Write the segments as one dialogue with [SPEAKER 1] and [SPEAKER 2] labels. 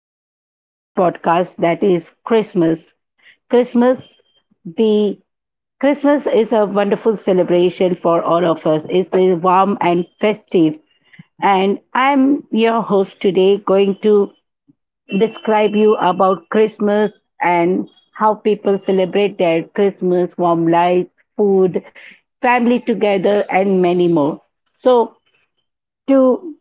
[SPEAKER 1] host of this podcast that is Christmas. Christmas, the Christmas is a wonderful celebration for all of us. It is warm and festive. And I'm your host today going to describe you about Christmas and how people celebrate their Christmas, warm lights, food, family together and many more. So to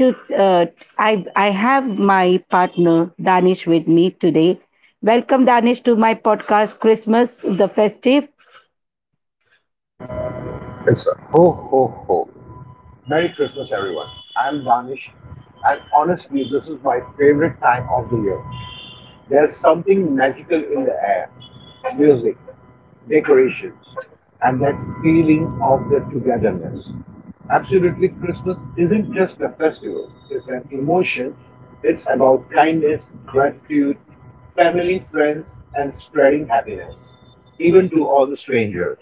[SPEAKER 1] to I have my partner Danish with me today. Welcome Danish to my podcast Christmas the Festive.
[SPEAKER 2] It's a ho ho ho. Merry Christmas, everyone. I'm Danish, and honestly, this is my favorite time of the year. There's something magical in the air — music, decorations, and that feeling of the togetherness. Absolutely, Christmas isn't just a festival, it's an emotion. It's about kindness, gratitude, family, friends, and spreading happiness, even to all the strangers.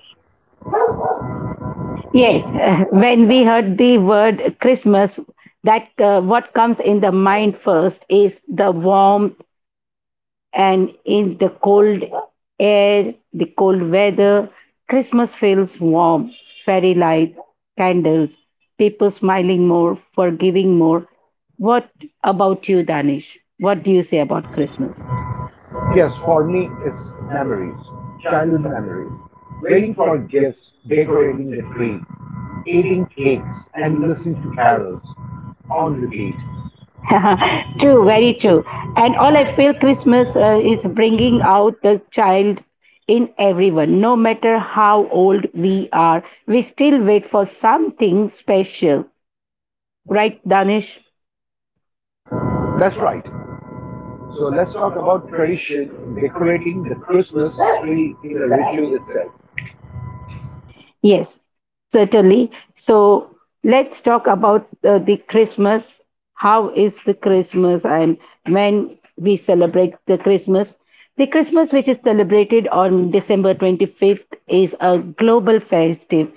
[SPEAKER 1] Yes,
[SPEAKER 2] Yes.
[SPEAKER 1] when we heard the word Christmas, that what comes in the mind first is the warmth, and in the cold air, the cold weather, Christmas feels warm. Fairy lights, candles, people smiling more, forgiving more. What about you, Danish? What do you say about Christmas?
[SPEAKER 2] Yes, for me, it's memories, childhood memories. Waiting for gifts, decorating the tree, eating cakes, and listening to carols on repeat.
[SPEAKER 1] True, very true. And all I feel Christmas is bringing out the child in everyone. No matter how old we are, we still wait for something special. Right, Danish?
[SPEAKER 2] That's right. So let's talk about tradition, decorating the Christmas tree in a ritual itself.
[SPEAKER 1] Yes, certainly. So let's talk about the Christmas. How is the Christmas and when we celebrate the Christmas? The Christmas, which is celebrated on December 25th, is a global festive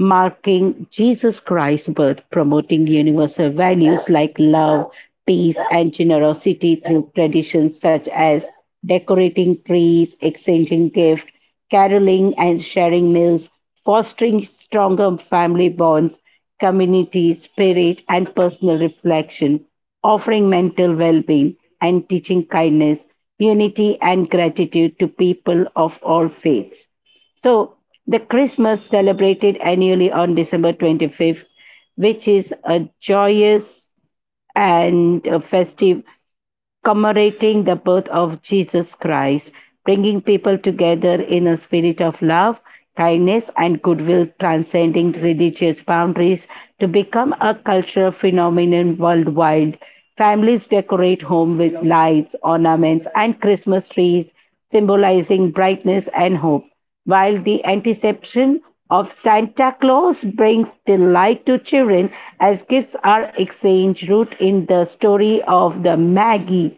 [SPEAKER 1] marking Jesus Christ's birth, promoting universal values like love, peace, and generosity through traditions such as decorating trees, exchanging gifts, caroling and sharing meals, fostering stronger family bonds, community spirit, and personal reflection, offering mental well being and teaching kindness, unity, and gratitude to people of all faiths. So, the Christmas celebrated annually on December 25th, which is a joyous and a festive commemorating the birth of Jesus Christ, bringing people together in a spirit of love, kindness, and goodwill, transcending religious boundaries to become a cultural phenomenon worldwide. Families decorate home with lights, ornaments, and Christmas trees, symbolizing brightness and hope, while the anticipation of Santa Claus brings delight to children as gifts are exchanged, rooted in the story of the Magi,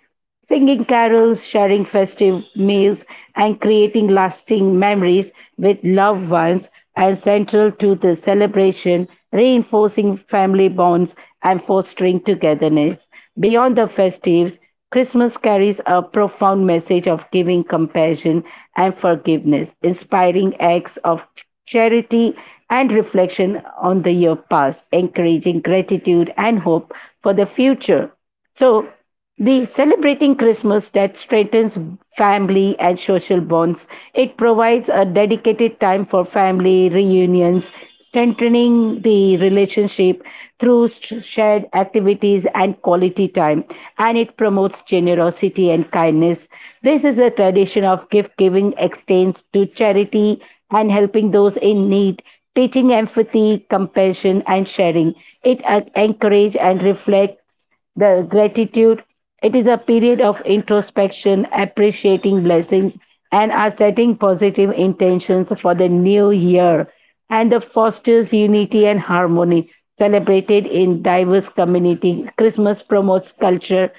[SPEAKER 1] singing carols, sharing festive meals, and creating lasting memories with loved ones, and central to the celebration, reinforcing family bonds and fostering togetherness. Beyond the festives, Christmas carries a profound message of giving, compassion, and forgiveness, inspiring acts of charity and reflection on the year past, encouraging gratitude and hope for the future. So, the celebrating Christmas that strengthens family and social bonds. It provides a dedicated time for family reunions, strengthening the relationship through shared activities and quality time, and it promotes generosity and kindness. This is a tradition of gift giving extends to charity and helping those in need, teaching empathy, compassion and sharing. It encourages and reflects the gratitude. It is a period of introspection, appreciating blessings, and are setting positive intentions for the new year. And the fosters unity and harmony celebrated in diverse community. Christmas promotes culture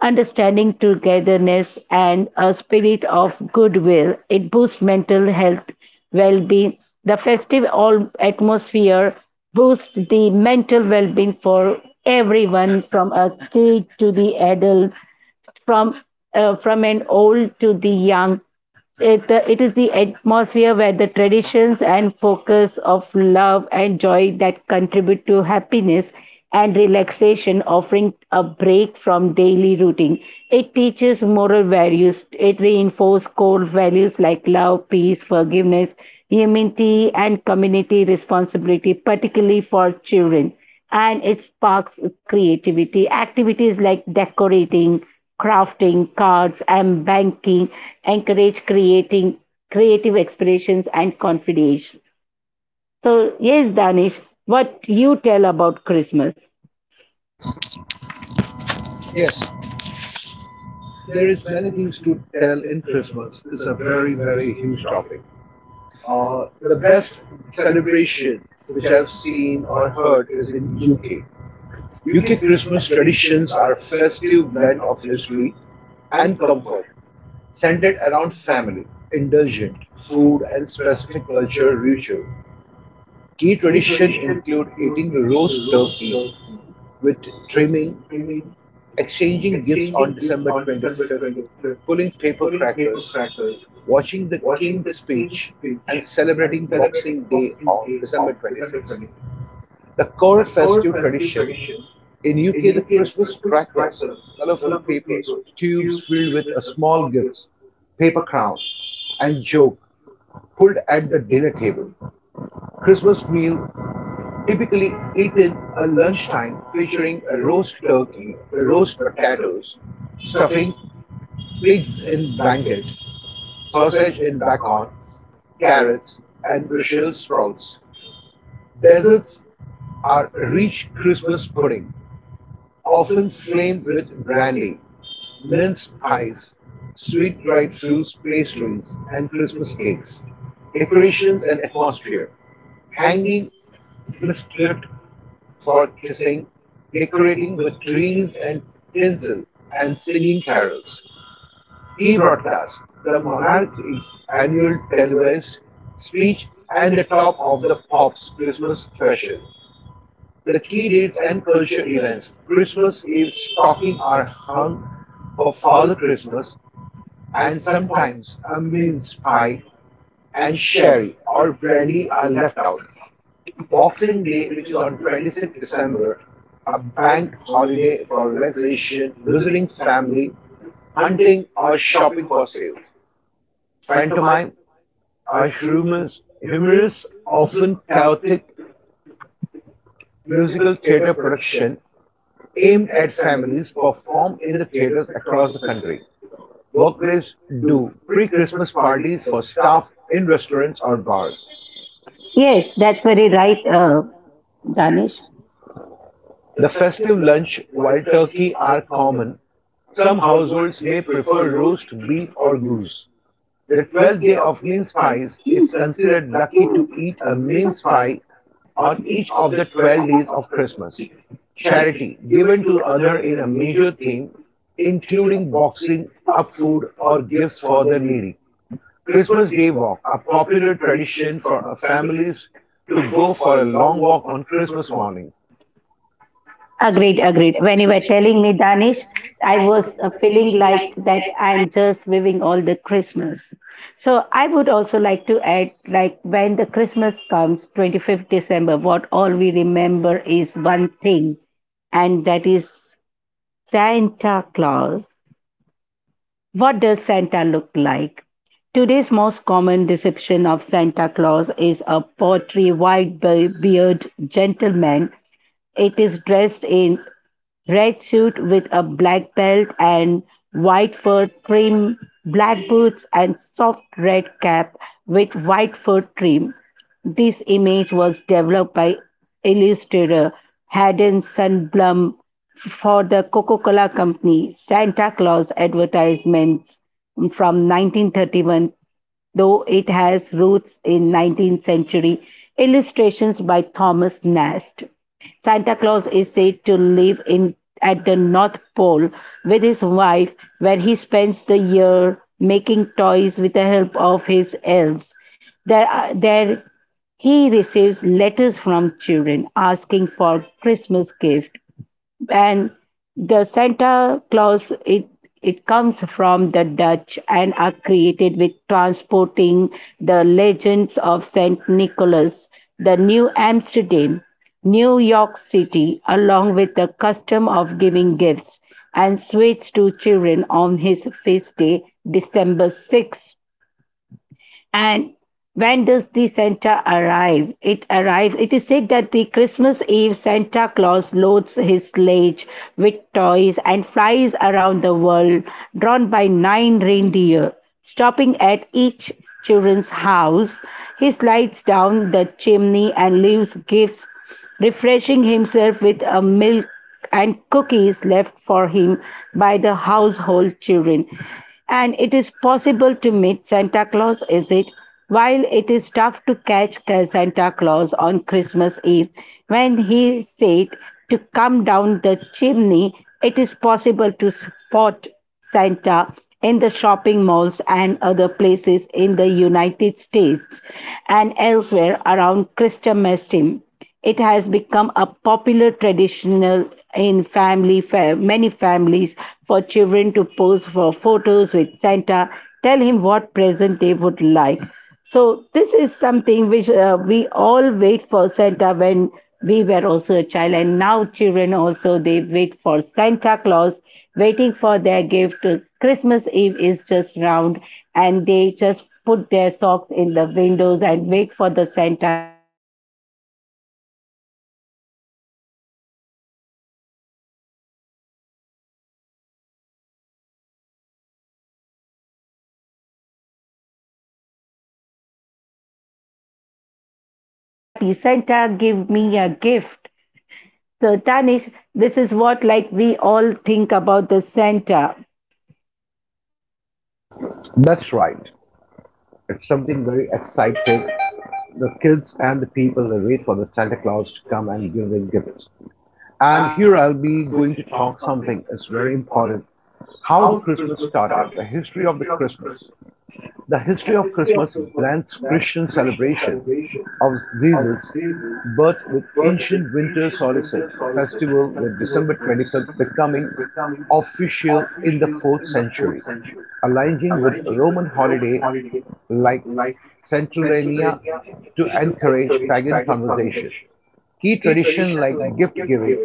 [SPEAKER 1] understanding, togetherness, and a spirit of goodwill. It boosts mental health, well being. The festive all atmosphere boosts the mental well being for everyone from a kid to the adult, from from an old to the young. It is the atmosphere where the traditions and focus of love and joy that contribute to happiness and relaxation, offering a break from daily routine. It teaches moral values. It reinforces core values like love, peace, forgiveness, humility, and community responsibility, particularly for children, and it sparks creativity. Activities like decorating, crafting, cards, and banking encourage creating creative expressions and confidence. So, yes, Danish, what you tell about Christmas?
[SPEAKER 2] Yes, there is many things to tell in Christmas. It's a very, very huge topic. The best celebration which I've seen or heard is in UK. UK Christmas traditions are a festive blend of history and comfort, centered around family, indulgent food, and specific cultural ritual. Key tradition include eating roast turkey with trimming exchanging gifts on December 25th, pulling paper crackers, watching the King's speech, and celebrating Boxing Day on December 26th. The core festive tradition in UK, the Christmas crackers, colorful papers, tubes filled with a small gifts, paper crown, and joke pulled at the dinner table. Christmas meal typically eaten at lunchtime featuring a roast turkey, roast potatoes, stuffing, pigs in blanket, sausage and bacon, carrots, and Brussels sprouts. Desserts are rich Christmas pudding, often flamed with brandy, mince pies, sweet dried fruits pastries, and Christmas cakes. Decorations and atmosphere. Hanging mistletoe for kissing, decorating with trees and tinsel, and singing carols. Key broadcasts: the monarch's annual televised speech and the Top of the Pops Christmas special. The key dates and culture events: Christmas Eve stockings are hung for Father Christmas, and sometimes a mince pie and sherry or brandy are left out. Boxing Day, which is on 26th December, a bank holiday for relaxation, visiting family, hunting or shopping for sales. Pantomime, a humorous, often chaotic musical theater production aimed at families performed in the theaters across the country. Workplace do pre Christmas parties for staff in restaurants or bars.
[SPEAKER 1] Yes,
[SPEAKER 2] Yes,
[SPEAKER 1] that's
[SPEAKER 2] that's
[SPEAKER 1] very
[SPEAKER 2] very
[SPEAKER 1] right,
[SPEAKER 2] kind of.
[SPEAKER 1] Danish.
[SPEAKER 2] The festive lunch, wild turkey are common. Some households may prefer roast beef or goose. The 12th day of mince pies, it's considered lucky to eat a mince pie on each of the 12 days of Christmas. Charity given to others in a major theme, including boxing, up food, or gifts for the needy. Christmas Day walk, a popular tradition for families to go for a long walk on Christmas morning.
[SPEAKER 1] Agreed,
[SPEAKER 2] Agreed,
[SPEAKER 1] agreed.
[SPEAKER 2] agreed.
[SPEAKER 1] When
[SPEAKER 2] When
[SPEAKER 1] you
[SPEAKER 2] you
[SPEAKER 1] were
[SPEAKER 2] were
[SPEAKER 1] telling
[SPEAKER 2] telling
[SPEAKER 1] me
[SPEAKER 2] me,
[SPEAKER 1] Danish,
[SPEAKER 2] Tanish,
[SPEAKER 1] I
[SPEAKER 2] I
[SPEAKER 1] was
[SPEAKER 2] was
[SPEAKER 1] feeling
[SPEAKER 2] feeling
[SPEAKER 1] like
[SPEAKER 2] like
[SPEAKER 1] that
[SPEAKER 2] that I.
[SPEAKER 1] I'm just waving all the Christmas. So I would also like to add, like when the Christmas comes, 25th December, what all we remember is one thing, and that is Santa Claus. What does Santa look like? Today's most common deception of Santa Claus is a pottery white beard gentleman. It is dressed in red suit with a black belt and white fur trim, black boots and soft red cap with white fur trim. This image was developed by illustrator Haden Sundblom for the Coca-Cola Company Santa Claus advertisements from 1931, though it has roots in 19th century illustrations by Thomas Nast. Santa Claus is said to live in at the North Pole with his wife, where he spends the year making toys with the help of his elves. There he receives letters from children asking for Christmas gift, and the Santa Claus, it comes from the Dutch and are created with transporting the legends of Saint Nicholas, the New Amsterdam, New York City, along with the custom of giving gifts and sweets to children on his feast day, December 6th. And when does the Santa arrive? It arrives. It is said that the Christmas Eve Santa Claus loads his sledge with toys and flies around the world, drawn by nine reindeer. Stopping at each children's house, he slides down the chimney and leaves gifts, refreshing himself with a milk and cookies left for him by the household children. And it is possible to meet Santa Claus, is it? While it is tough to catch Santa Claus on Christmas Eve, when he said to come down the chimney, it is possible to spot Santa in the shopping malls and other places in the United States and elsewhere around Christmas time. It has become a popular traditional in many families for children to pose for photos with Santa, tell him what present they would like. So this is something which we all wait for Santa when we were also a child, and now children also they wait for Santa Claus, waiting for their gift. Christmas Eve is just round, and they just put their socks in the windows and wait for the Santa to put their to put the gift in so that the next day they wake up in the morning, they just take the socks and they just search in and they say, Mommy, this is what Santa left for me. And I'm really very happy. Santa gave me a gift. So, Tanish, this is what like we all think about the Santa.
[SPEAKER 2] That's right. It's something very exciting. The kids and the people they wait for the Santa Claus to come and give them gifts. And here I'll be going to talk something that's very important. How the Christmas started, the history of the Christmas. The history of Christmas blends Christian celebration of Jesus' birth with ancient winter solstice festival with December 25th becoming official in the 4th century, aligning with Roman holiday like Saturnalia to encourage pagan conversation. Key traditions like gift giving,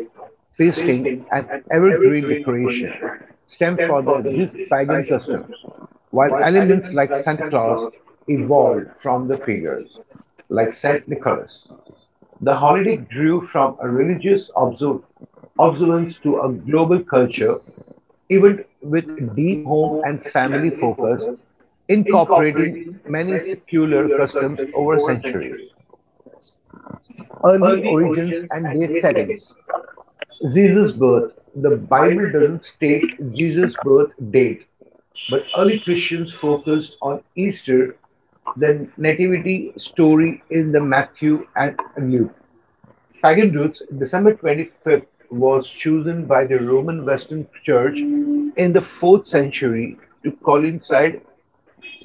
[SPEAKER 2] feasting, and evergreen decoration stem from these pagan customs, while elements like Santa Claus evolved from the figures like Saint Nicholas. The holiday grew from a religious observance to a global culture, even with deep home and family focus, incorporating many secular customs over centuries. Early origins and date settings. Jesus' birth. The Bible doesn't state Jesus' birth date, but early Christians focused on Easter, the nativity story in the Matthew and Luke. Pagan roots. December 25th was chosen by the Roman Western Church in the 4th century to coincide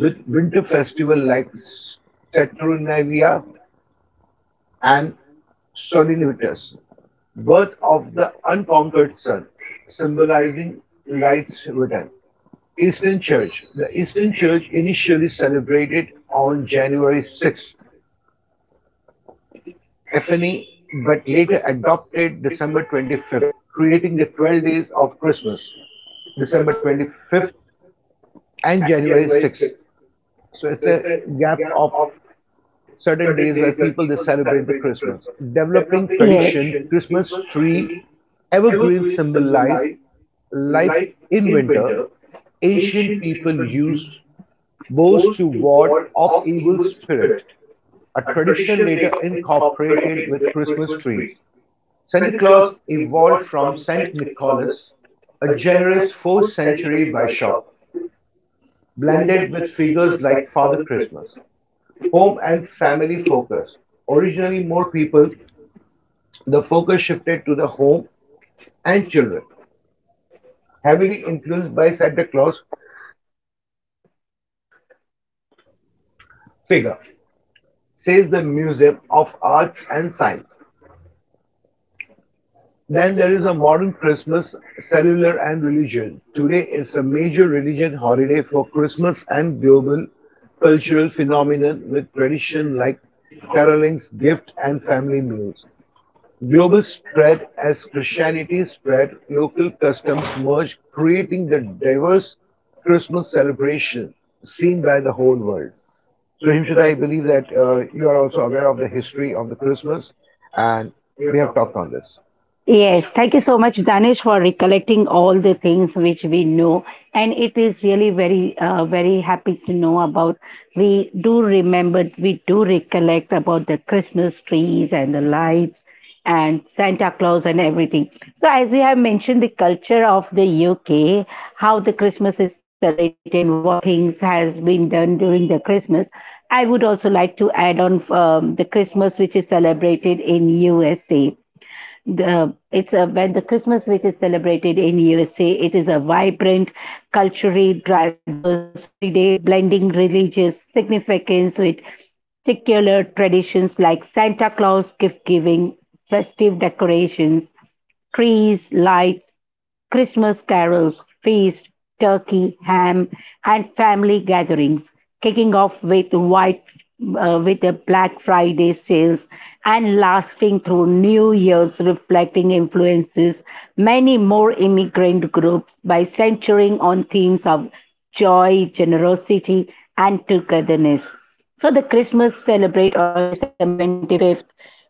[SPEAKER 2] with winter festival like Saturnalia and Solinitas, birth of the unconquered sun, symbolizing light's return. Eastern Church. The Eastern Church initially celebrated on January 6th, Epiphany, but later adopted December 25th, creating the 12 days of Christmas, December 25th and January 6th. So it's a gap of certain days where people they celebrate the Christmas. Developing tradition, Christmas tree, evergreen symbolize life in winter. Ancient people used bows to ward off evil spirit, a tradition later incorporated with Christmas trees. Santa Claus evolved from Saint Nicholas, a generous 4th century bishop, blended with figures like Father Christmas home and family focus. Originally, more people, the focus shifted to the home and children, heavily influenced by Santa Claus figure, says the Museum of Arts and Science. Then there is a modern Christmas, cellular and religion. Today is a major religion holiday for Christmas and global cultural phenomenon with tradition like carolings, gift and family meals. Global spread as Christianity spread, local customs merged, creating the diverse Christmas celebration seen by the whole world. So, Himshita, I believe that you are also aware of the history of the Christmas, and we have talked on this. Yeah.
[SPEAKER 1] Yes, thank you so much, Danish, for recollecting all the things which we know. And it is really very, very happy to know about. We do remember, we do recollect about the Christmas trees and the lights and Santa Claus and everything. So, as we have mentioned, the culture of the UK, how the Christmas is celebrated and what things has been done during the Christmas. I would also like to add on the Christmas which is celebrated in USA. The it's a when The Christmas which is celebrated in USA, it is a vibrant, culturally diverse holiday, blending religious significance with secular traditions like Santa Claus gift giving, festive decorations, trees, lights, Christmas carols, feast, turkey, ham, and family gatherings, kicking off with white with the Black Friday sales and lasting through New Year's, reflecting influences many more immigrant groups by centering on themes of joy, generosity, and togetherness. So the Christmas celebrate on December 25th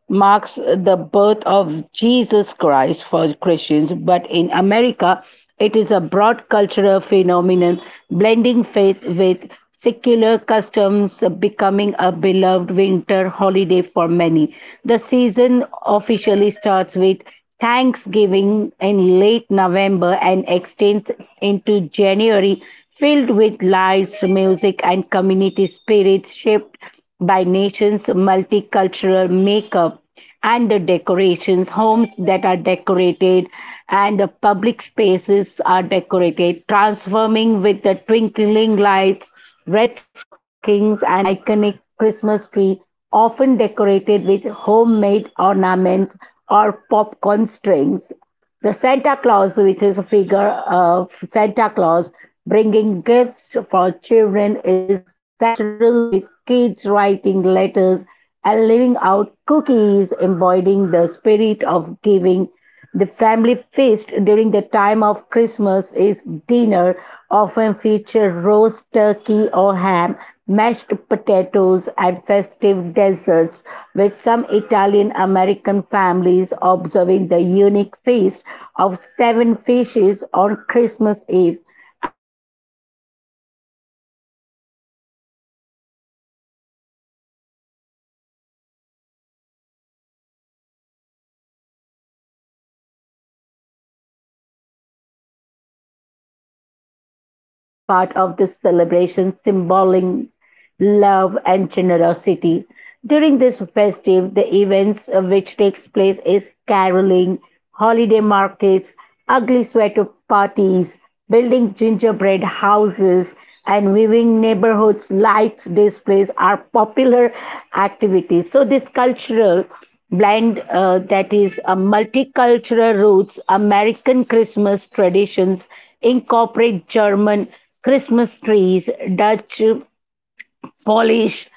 [SPEAKER 1] marks the birth of Jesus Christ for Christians, but in America it is a broad cultural phenomenon blending faith with secular customs, becoming a beloved winter holiday for many. The season officially starts with Thanksgiving in late November and extends into January, filled with lights, music, and community spirit shaped by nation's multicultural makeup and the decorations. Homes that are decorated and the public spaces are decorated, transforming with the twinkling lights, red stockings, and the iconic Christmas tree, often decorated with homemade ornaments or popcorn strings. The Santa Claus, which is a figure of Santa Claus bringing gifts for children, is central, with kids writing letters and leaving out cookies, embodying the spirit of giving. The family feast during the time of Christmas is dinner, often feature roast turkey or ham, mashed potatoes, and festive desserts, with some Italian American families observing the unique feast of seven fishes on Christmas Eve. And the gift giving, like all of us which we love during the time of Christmas, is exchanging the gifts, presents, sometimes open at midnight or Christmas morning, is the major part of this celebration, symboling love and generosity. During this festive, the events which takes place is caroling, holiday markets, ugly sweater parties, building gingerbread houses and weaving neighborhoods lights displays are popular activities. So this cultural blend, that is a multicultural roots, American Christmas traditions incorporate German Christmas trees, Dutch Polish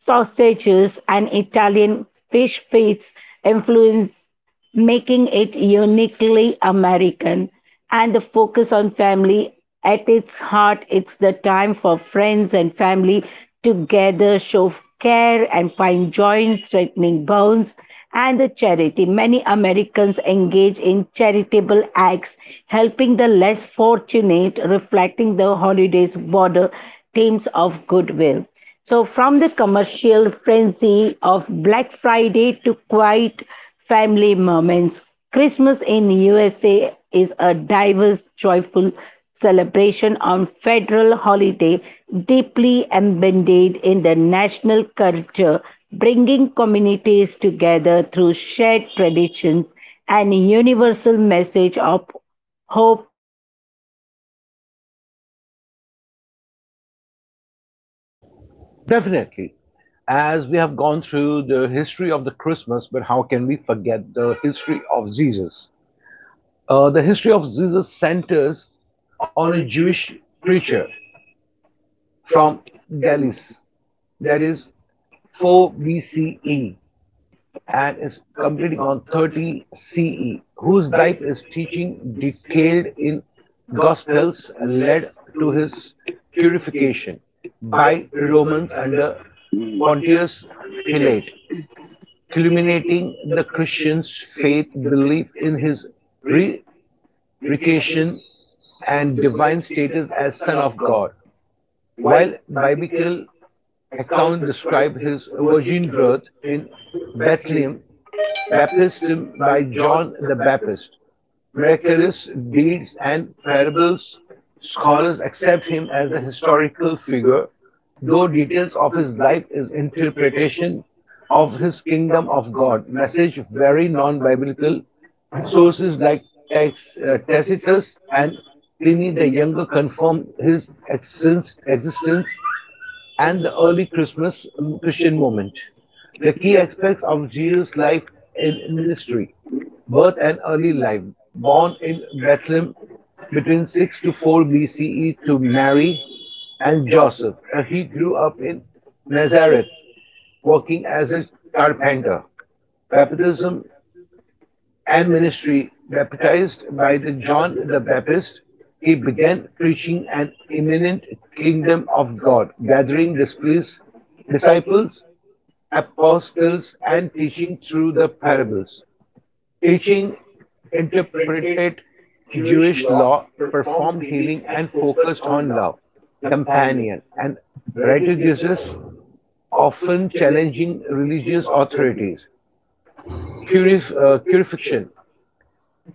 [SPEAKER 1] sausages and Italian fish feeds influence, making it uniquely American. And the focus on family at its heart, it's the time for friends and family together show care and find joy in straightening bonds and the charity. Many Americans engage in charitable acts, helping the less fortunate, reflecting the holiday's broader themes of goodwill. So, from the commercial frenzy of Black Friday to quiet family moments, Christmas in USA is a diverse, joyful celebration on federal holiday deeply embedded in the national culture, bringing communities together through shared traditions and a universal message of hope giving. Yes, Danish, let something over here.
[SPEAKER 2] Definitely. As we have gone through the history of the Christmas, but how can we forget the history of Jesus? The history of Jesus centers on a Jewish preacher from Galles, that is 4 BCE, and is completing on 30 CE, whose life is teaching detailed in Gospels led to his purification by Romans under Pontius Pilate, culminating the Christians' faith belief in his re- recation and divine status as Son of God. While biblical accounts describe his virgin birth in Bethlehem baptism by John the Baptist, miraculous deeds and parables, scholars accept him as a historical figure, though details of his life is interpretation of his kingdom of God message very non-biblical sources like Tacitus and Pliny the Younger confirm his existence and the early Christmas Christian movement. The key aspects of Jesus' life and ministry, birth and early life, born in Bethlehem between 6 to 4 BCE to Mary and Joseph. He grew up in Nazareth working as a carpenter. Baptism and ministry. Baptized by the John the Baptist, he began preaching an imminent kingdom of God, gathering disciples, apostles, and teaching through the parables teaching interpreted Jewish law, performed healing, and focused on love, companion, and liturgies, often challenging religious authorities. Crucifixion.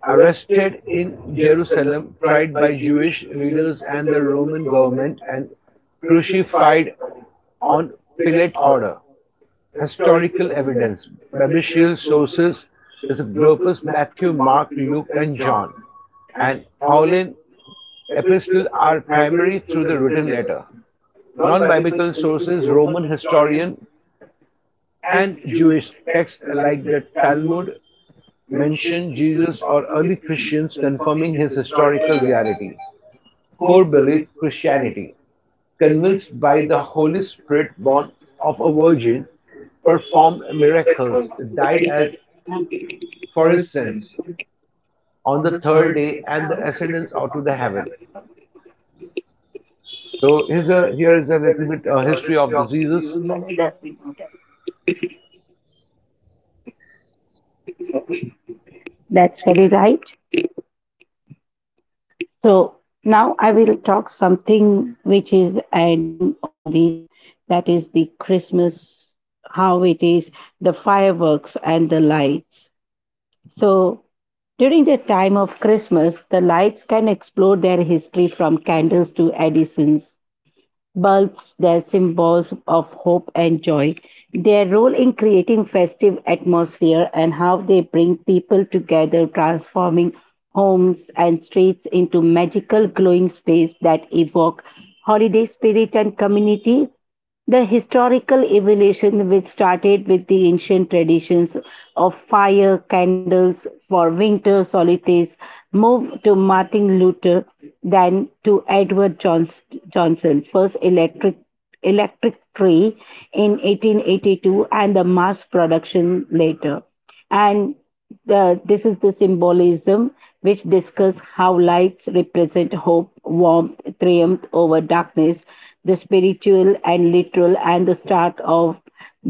[SPEAKER 2] Arrested in Jerusalem, tried by Jewish leaders and the Roman government, and crucified on Pilate order. Historical evidence. Biblical sources is Scopus, Matthew, Mark, Luke, and John, and Pauline epistles are primary through the written letter. Non-biblical sources, Roman historian and Jewish texts like the Talmud mention Jesus or early Christians confirming his historical reality. Core belief Christianity, convinced by the Holy Spirit born of a virgin, performed miracles, died as for his sins on the third day, and the ascendance out to the heaven. So here is a little bit history of the Jesus.
[SPEAKER 1] That's very right. So now I will talk something which is adding on this. That is the Christmas, how it is, the fireworks and the lights. So during the time of Christmas, the lights can explore their history from candles to Edison's bulbs, their symbols of hope and joy, their role in creating festive atmosphere, and how they bring people together, transforming homes and streets into magical glowing space that evoke holiday spirit and community. The historical evolution, which started with the ancient traditions of fire candles for winter solstice, moved to Martin Luther, then to Edward Johnson, first electric tree in 1882, and the mass production later, and the, this is the symbolism which discuss how lights represent hope, warmth, triumph over darkness, the spiritual and literal and the start of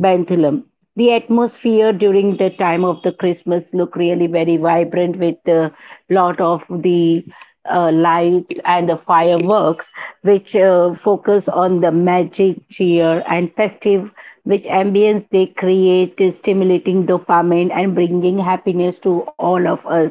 [SPEAKER 1] benthlehem. The atmosphere during the time of the Christmas look really very vibrant with a lot of the lights and the fireworks which focus on the magic cheer and festive, which ambience they create is stimulating dopamine and bringing happiness to all of us,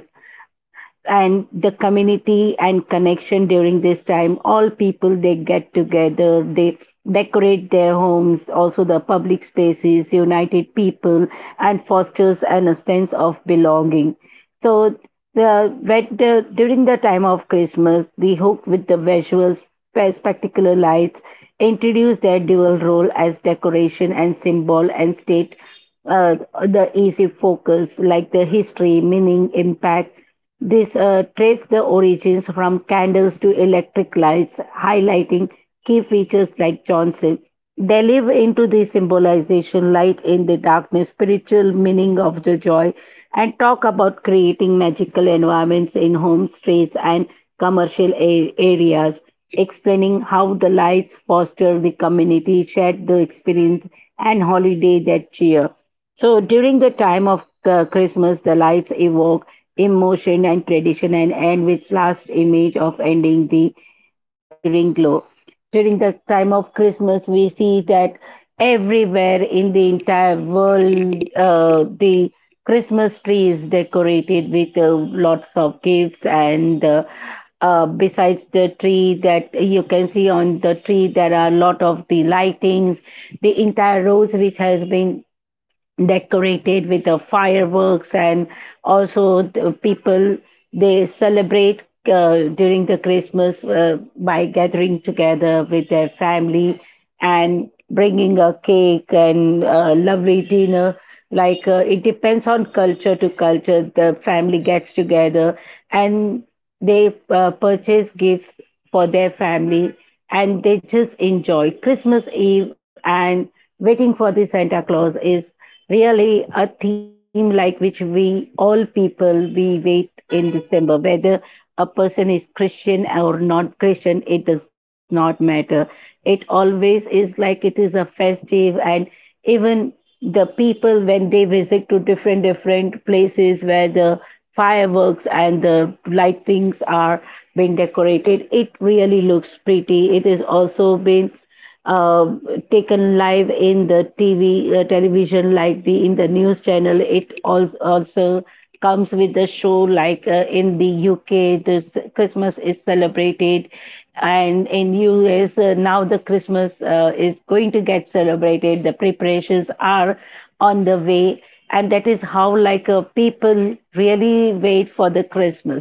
[SPEAKER 1] and the community and connection during this time, all people they get together, they decorate their homes, also the public spaces united people and fosters a sense of belonging. So the, when the during the time of Christmas, the hook with the visuals spectacular lights introduce their dual role as decoration and symbol and state, uh, the easy focus like the history meaning impact, this traced the origins from candles to electric lights, highlighting key features like Johnson. They live into the symbolization light in the darkness, spiritual meaning of the joy, and talk about creating magical environments in homes, streets, and commercial areas, explaining how the lights foster the community, shared the experience, and holiday that cheer. So during the time of Christmas, the lights evoke emotion and tradition and end with last image of ending the ring glow. During the time of Christmas, we see that everywhere in the entire world, the Christmas tree is decorated with lots of gifts, and besides the tree that you can see on the tree, there are a lot of the lightings, the entire roads which has been decorated with the fireworks, and also the people they celebrate during the Christmas by gathering together with their family and bringing a cake and a lovely dinner. Like it depends on culture to culture, the family gets together and they purchase gifts for their family, and they just enjoy Christmas Eve, and waiting for the Santa Claus is really a theme like which we all people we wait in December. Whether a person is Christian or not Christian, it does not matter. It always is like it is a festive, and even the people when they visit to different different places where the fireworks and the lightings are being decorated, it really looks pretty. It is also been uh, taken live in the television, like the in the news channel. It also comes with the show, like in the UK, this Christmas is celebrated, and in US now the Christmas is going to get celebrated. The preparations are on the way, and that is how like people really wait for the Christmas.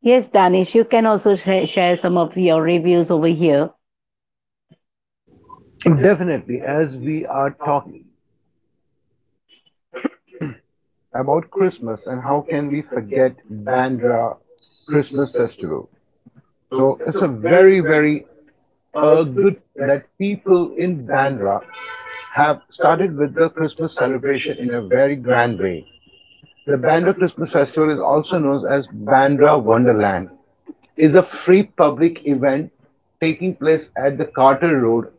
[SPEAKER 1] Yes, Danish, you can also share some of your reviews over here.
[SPEAKER 2] Definitely, as we are talking about Christmas and how can we forget Bandra Christmas festival. So it's a very, very good that people in Bandra have started with the Christmas celebration in a very grand way. The Bandra Christmas Festival is also known as Bandra Wonderland is a free public event taking place at the Carter Road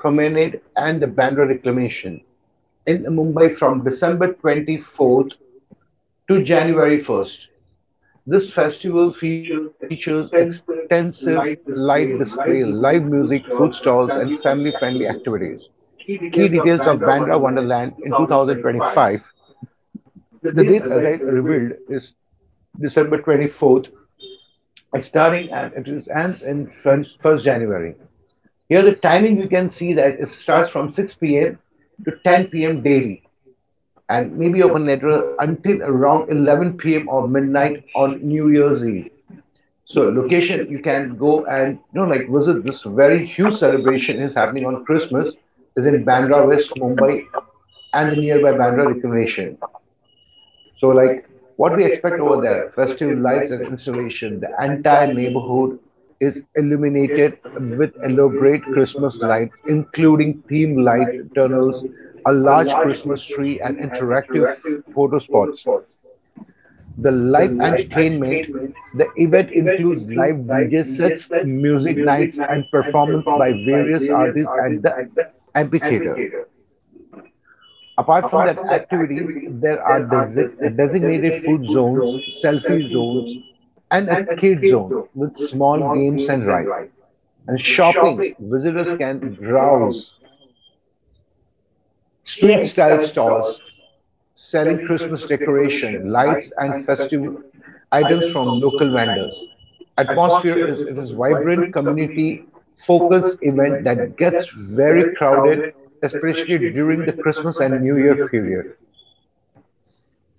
[SPEAKER 2] Promenade and the Bandra Reclamation in Mumbai from December 24th to January 1st. This festival features extensive light display, live music, food stalls, and family friendly activities. Key details of Bandra Wonderland in 2025. The dates, as I revealed, is December 24th and starting and it ends in 1st January. Here, the timing you can see that it starts from 6 p.m. to 10 p.m. daily and maybe open later until around 11 p.m. or midnight on New Year's Eve. So location you can go and you know like visit this very huge celebration is happening on Christmas is in Bandra West Mumbai and the nearby Bandra Recreation. So like what we expect over there festive lights and installation the entire neighborhood is illuminated with elaborate Christmas lights including theme light tunnels a large Christmas tree and interactive photo spots. The live entertainment the event includes live DJ sets, music nights, and performance by various artists at the amphitheater. Apart from that activities, there are designated food zones, selfie zones, and a kid zone with small games and rides. And shopping, visitors can browse
[SPEAKER 1] Yes.
[SPEAKER 2] street style stalls, selling Christmas decoration, lights, and festive items from local vendors. Atmosphere is it is vibrant community focused event that gets very crowded, especially during the Christmas and New Year period.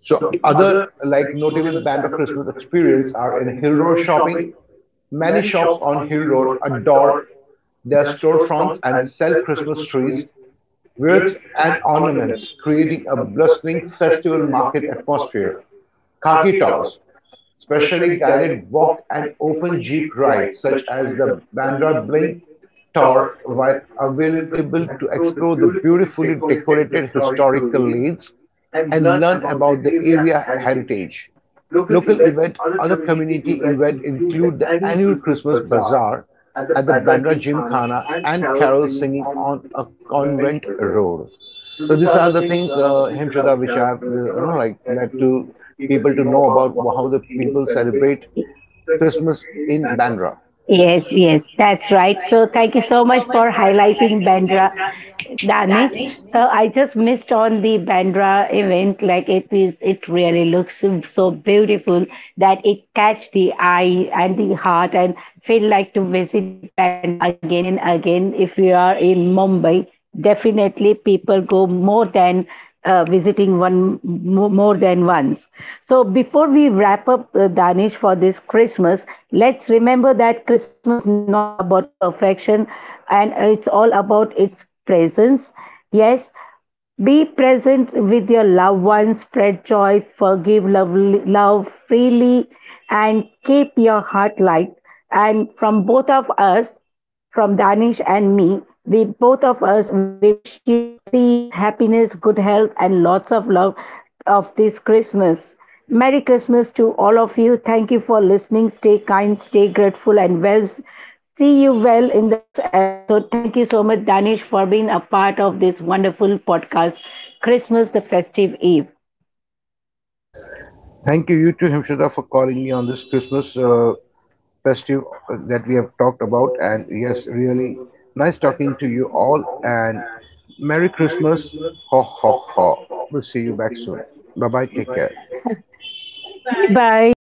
[SPEAKER 2] So other like notable Bandra Christmas experience are in Hill Road shopping. Many shops on Hill Road adore their storefronts and sell Christmas trees, wreaths and ornaments, creating a blustering festival market atmosphere. Khaki tours, specially guided walk and open jeep rides such as the Bandra Bling tour while available to explore the beautifully decorated historical lanes and learn about the area heritage. Local event, other community event include the annual Christmas Bazaar at the Bandra Gymkhana and carol singing on a convent road. So these are the things, Hemshada, which I have, like to people to know about how the people celebrate Christmas in Bandra.
[SPEAKER 1] Yes,
[SPEAKER 2] Yes,
[SPEAKER 1] yes, that's
[SPEAKER 2] that's
[SPEAKER 1] right.
[SPEAKER 2] right.
[SPEAKER 1] So
[SPEAKER 2] So
[SPEAKER 1] thank you
[SPEAKER 2] thank you
[SPEAKER 1] so
[SPEAKER 2] so
[SPEAKER 1] much
[SPEAKER 2] much
[SPEAKER 1] for
[SPEAKER 2] for
[SPEAKER 1] highlighting
[SPEAKER 2] highlighting
[SPEAKER 1] Bandra,
[SPEAKER 2] Bandra,
[SPEAKER 1] Danish.
[SPEAKER 2] Danish.
[SPEAKER 1] So I just missed on the Bandra event. Like it is, it really looks so beautiful that it catch the eye and the heart and feel like to visit to Bandra again and again. If you are in Mumbai, definitely people go more than visiting one more than once. So, before we wrap up Danish for this Christmas, let's remember that Christmas is not about perfection, and it's all about its presence. Yes, be present with your loved ones, spread joy, forgive love, love freely, and keep your heart light. And from both of us, from Danish and me, we both of us, we wish you peace, happiness, good health, and lots of love of this Christmas. Merry Christmas to all of you. Thank you for listening. Stay kind, stay grateful, and well, see you well in the next episode. Thank you so much, Danish, for being a part of this wonderful podcast, Christmas the Festive Eve.
[SPEAKER 2] Thank you, you too, Hemshada, for calling me on this Christmas festive that we have talked about. And yes, really nice talking to you all. And Merry Christmas. Ho, ho, ho. We'll see you back soon. Bye bye. Take care.
[SPEAKER 1] Bye
[SPEAKER 2] Bye.
[SPEAKER 1] bye.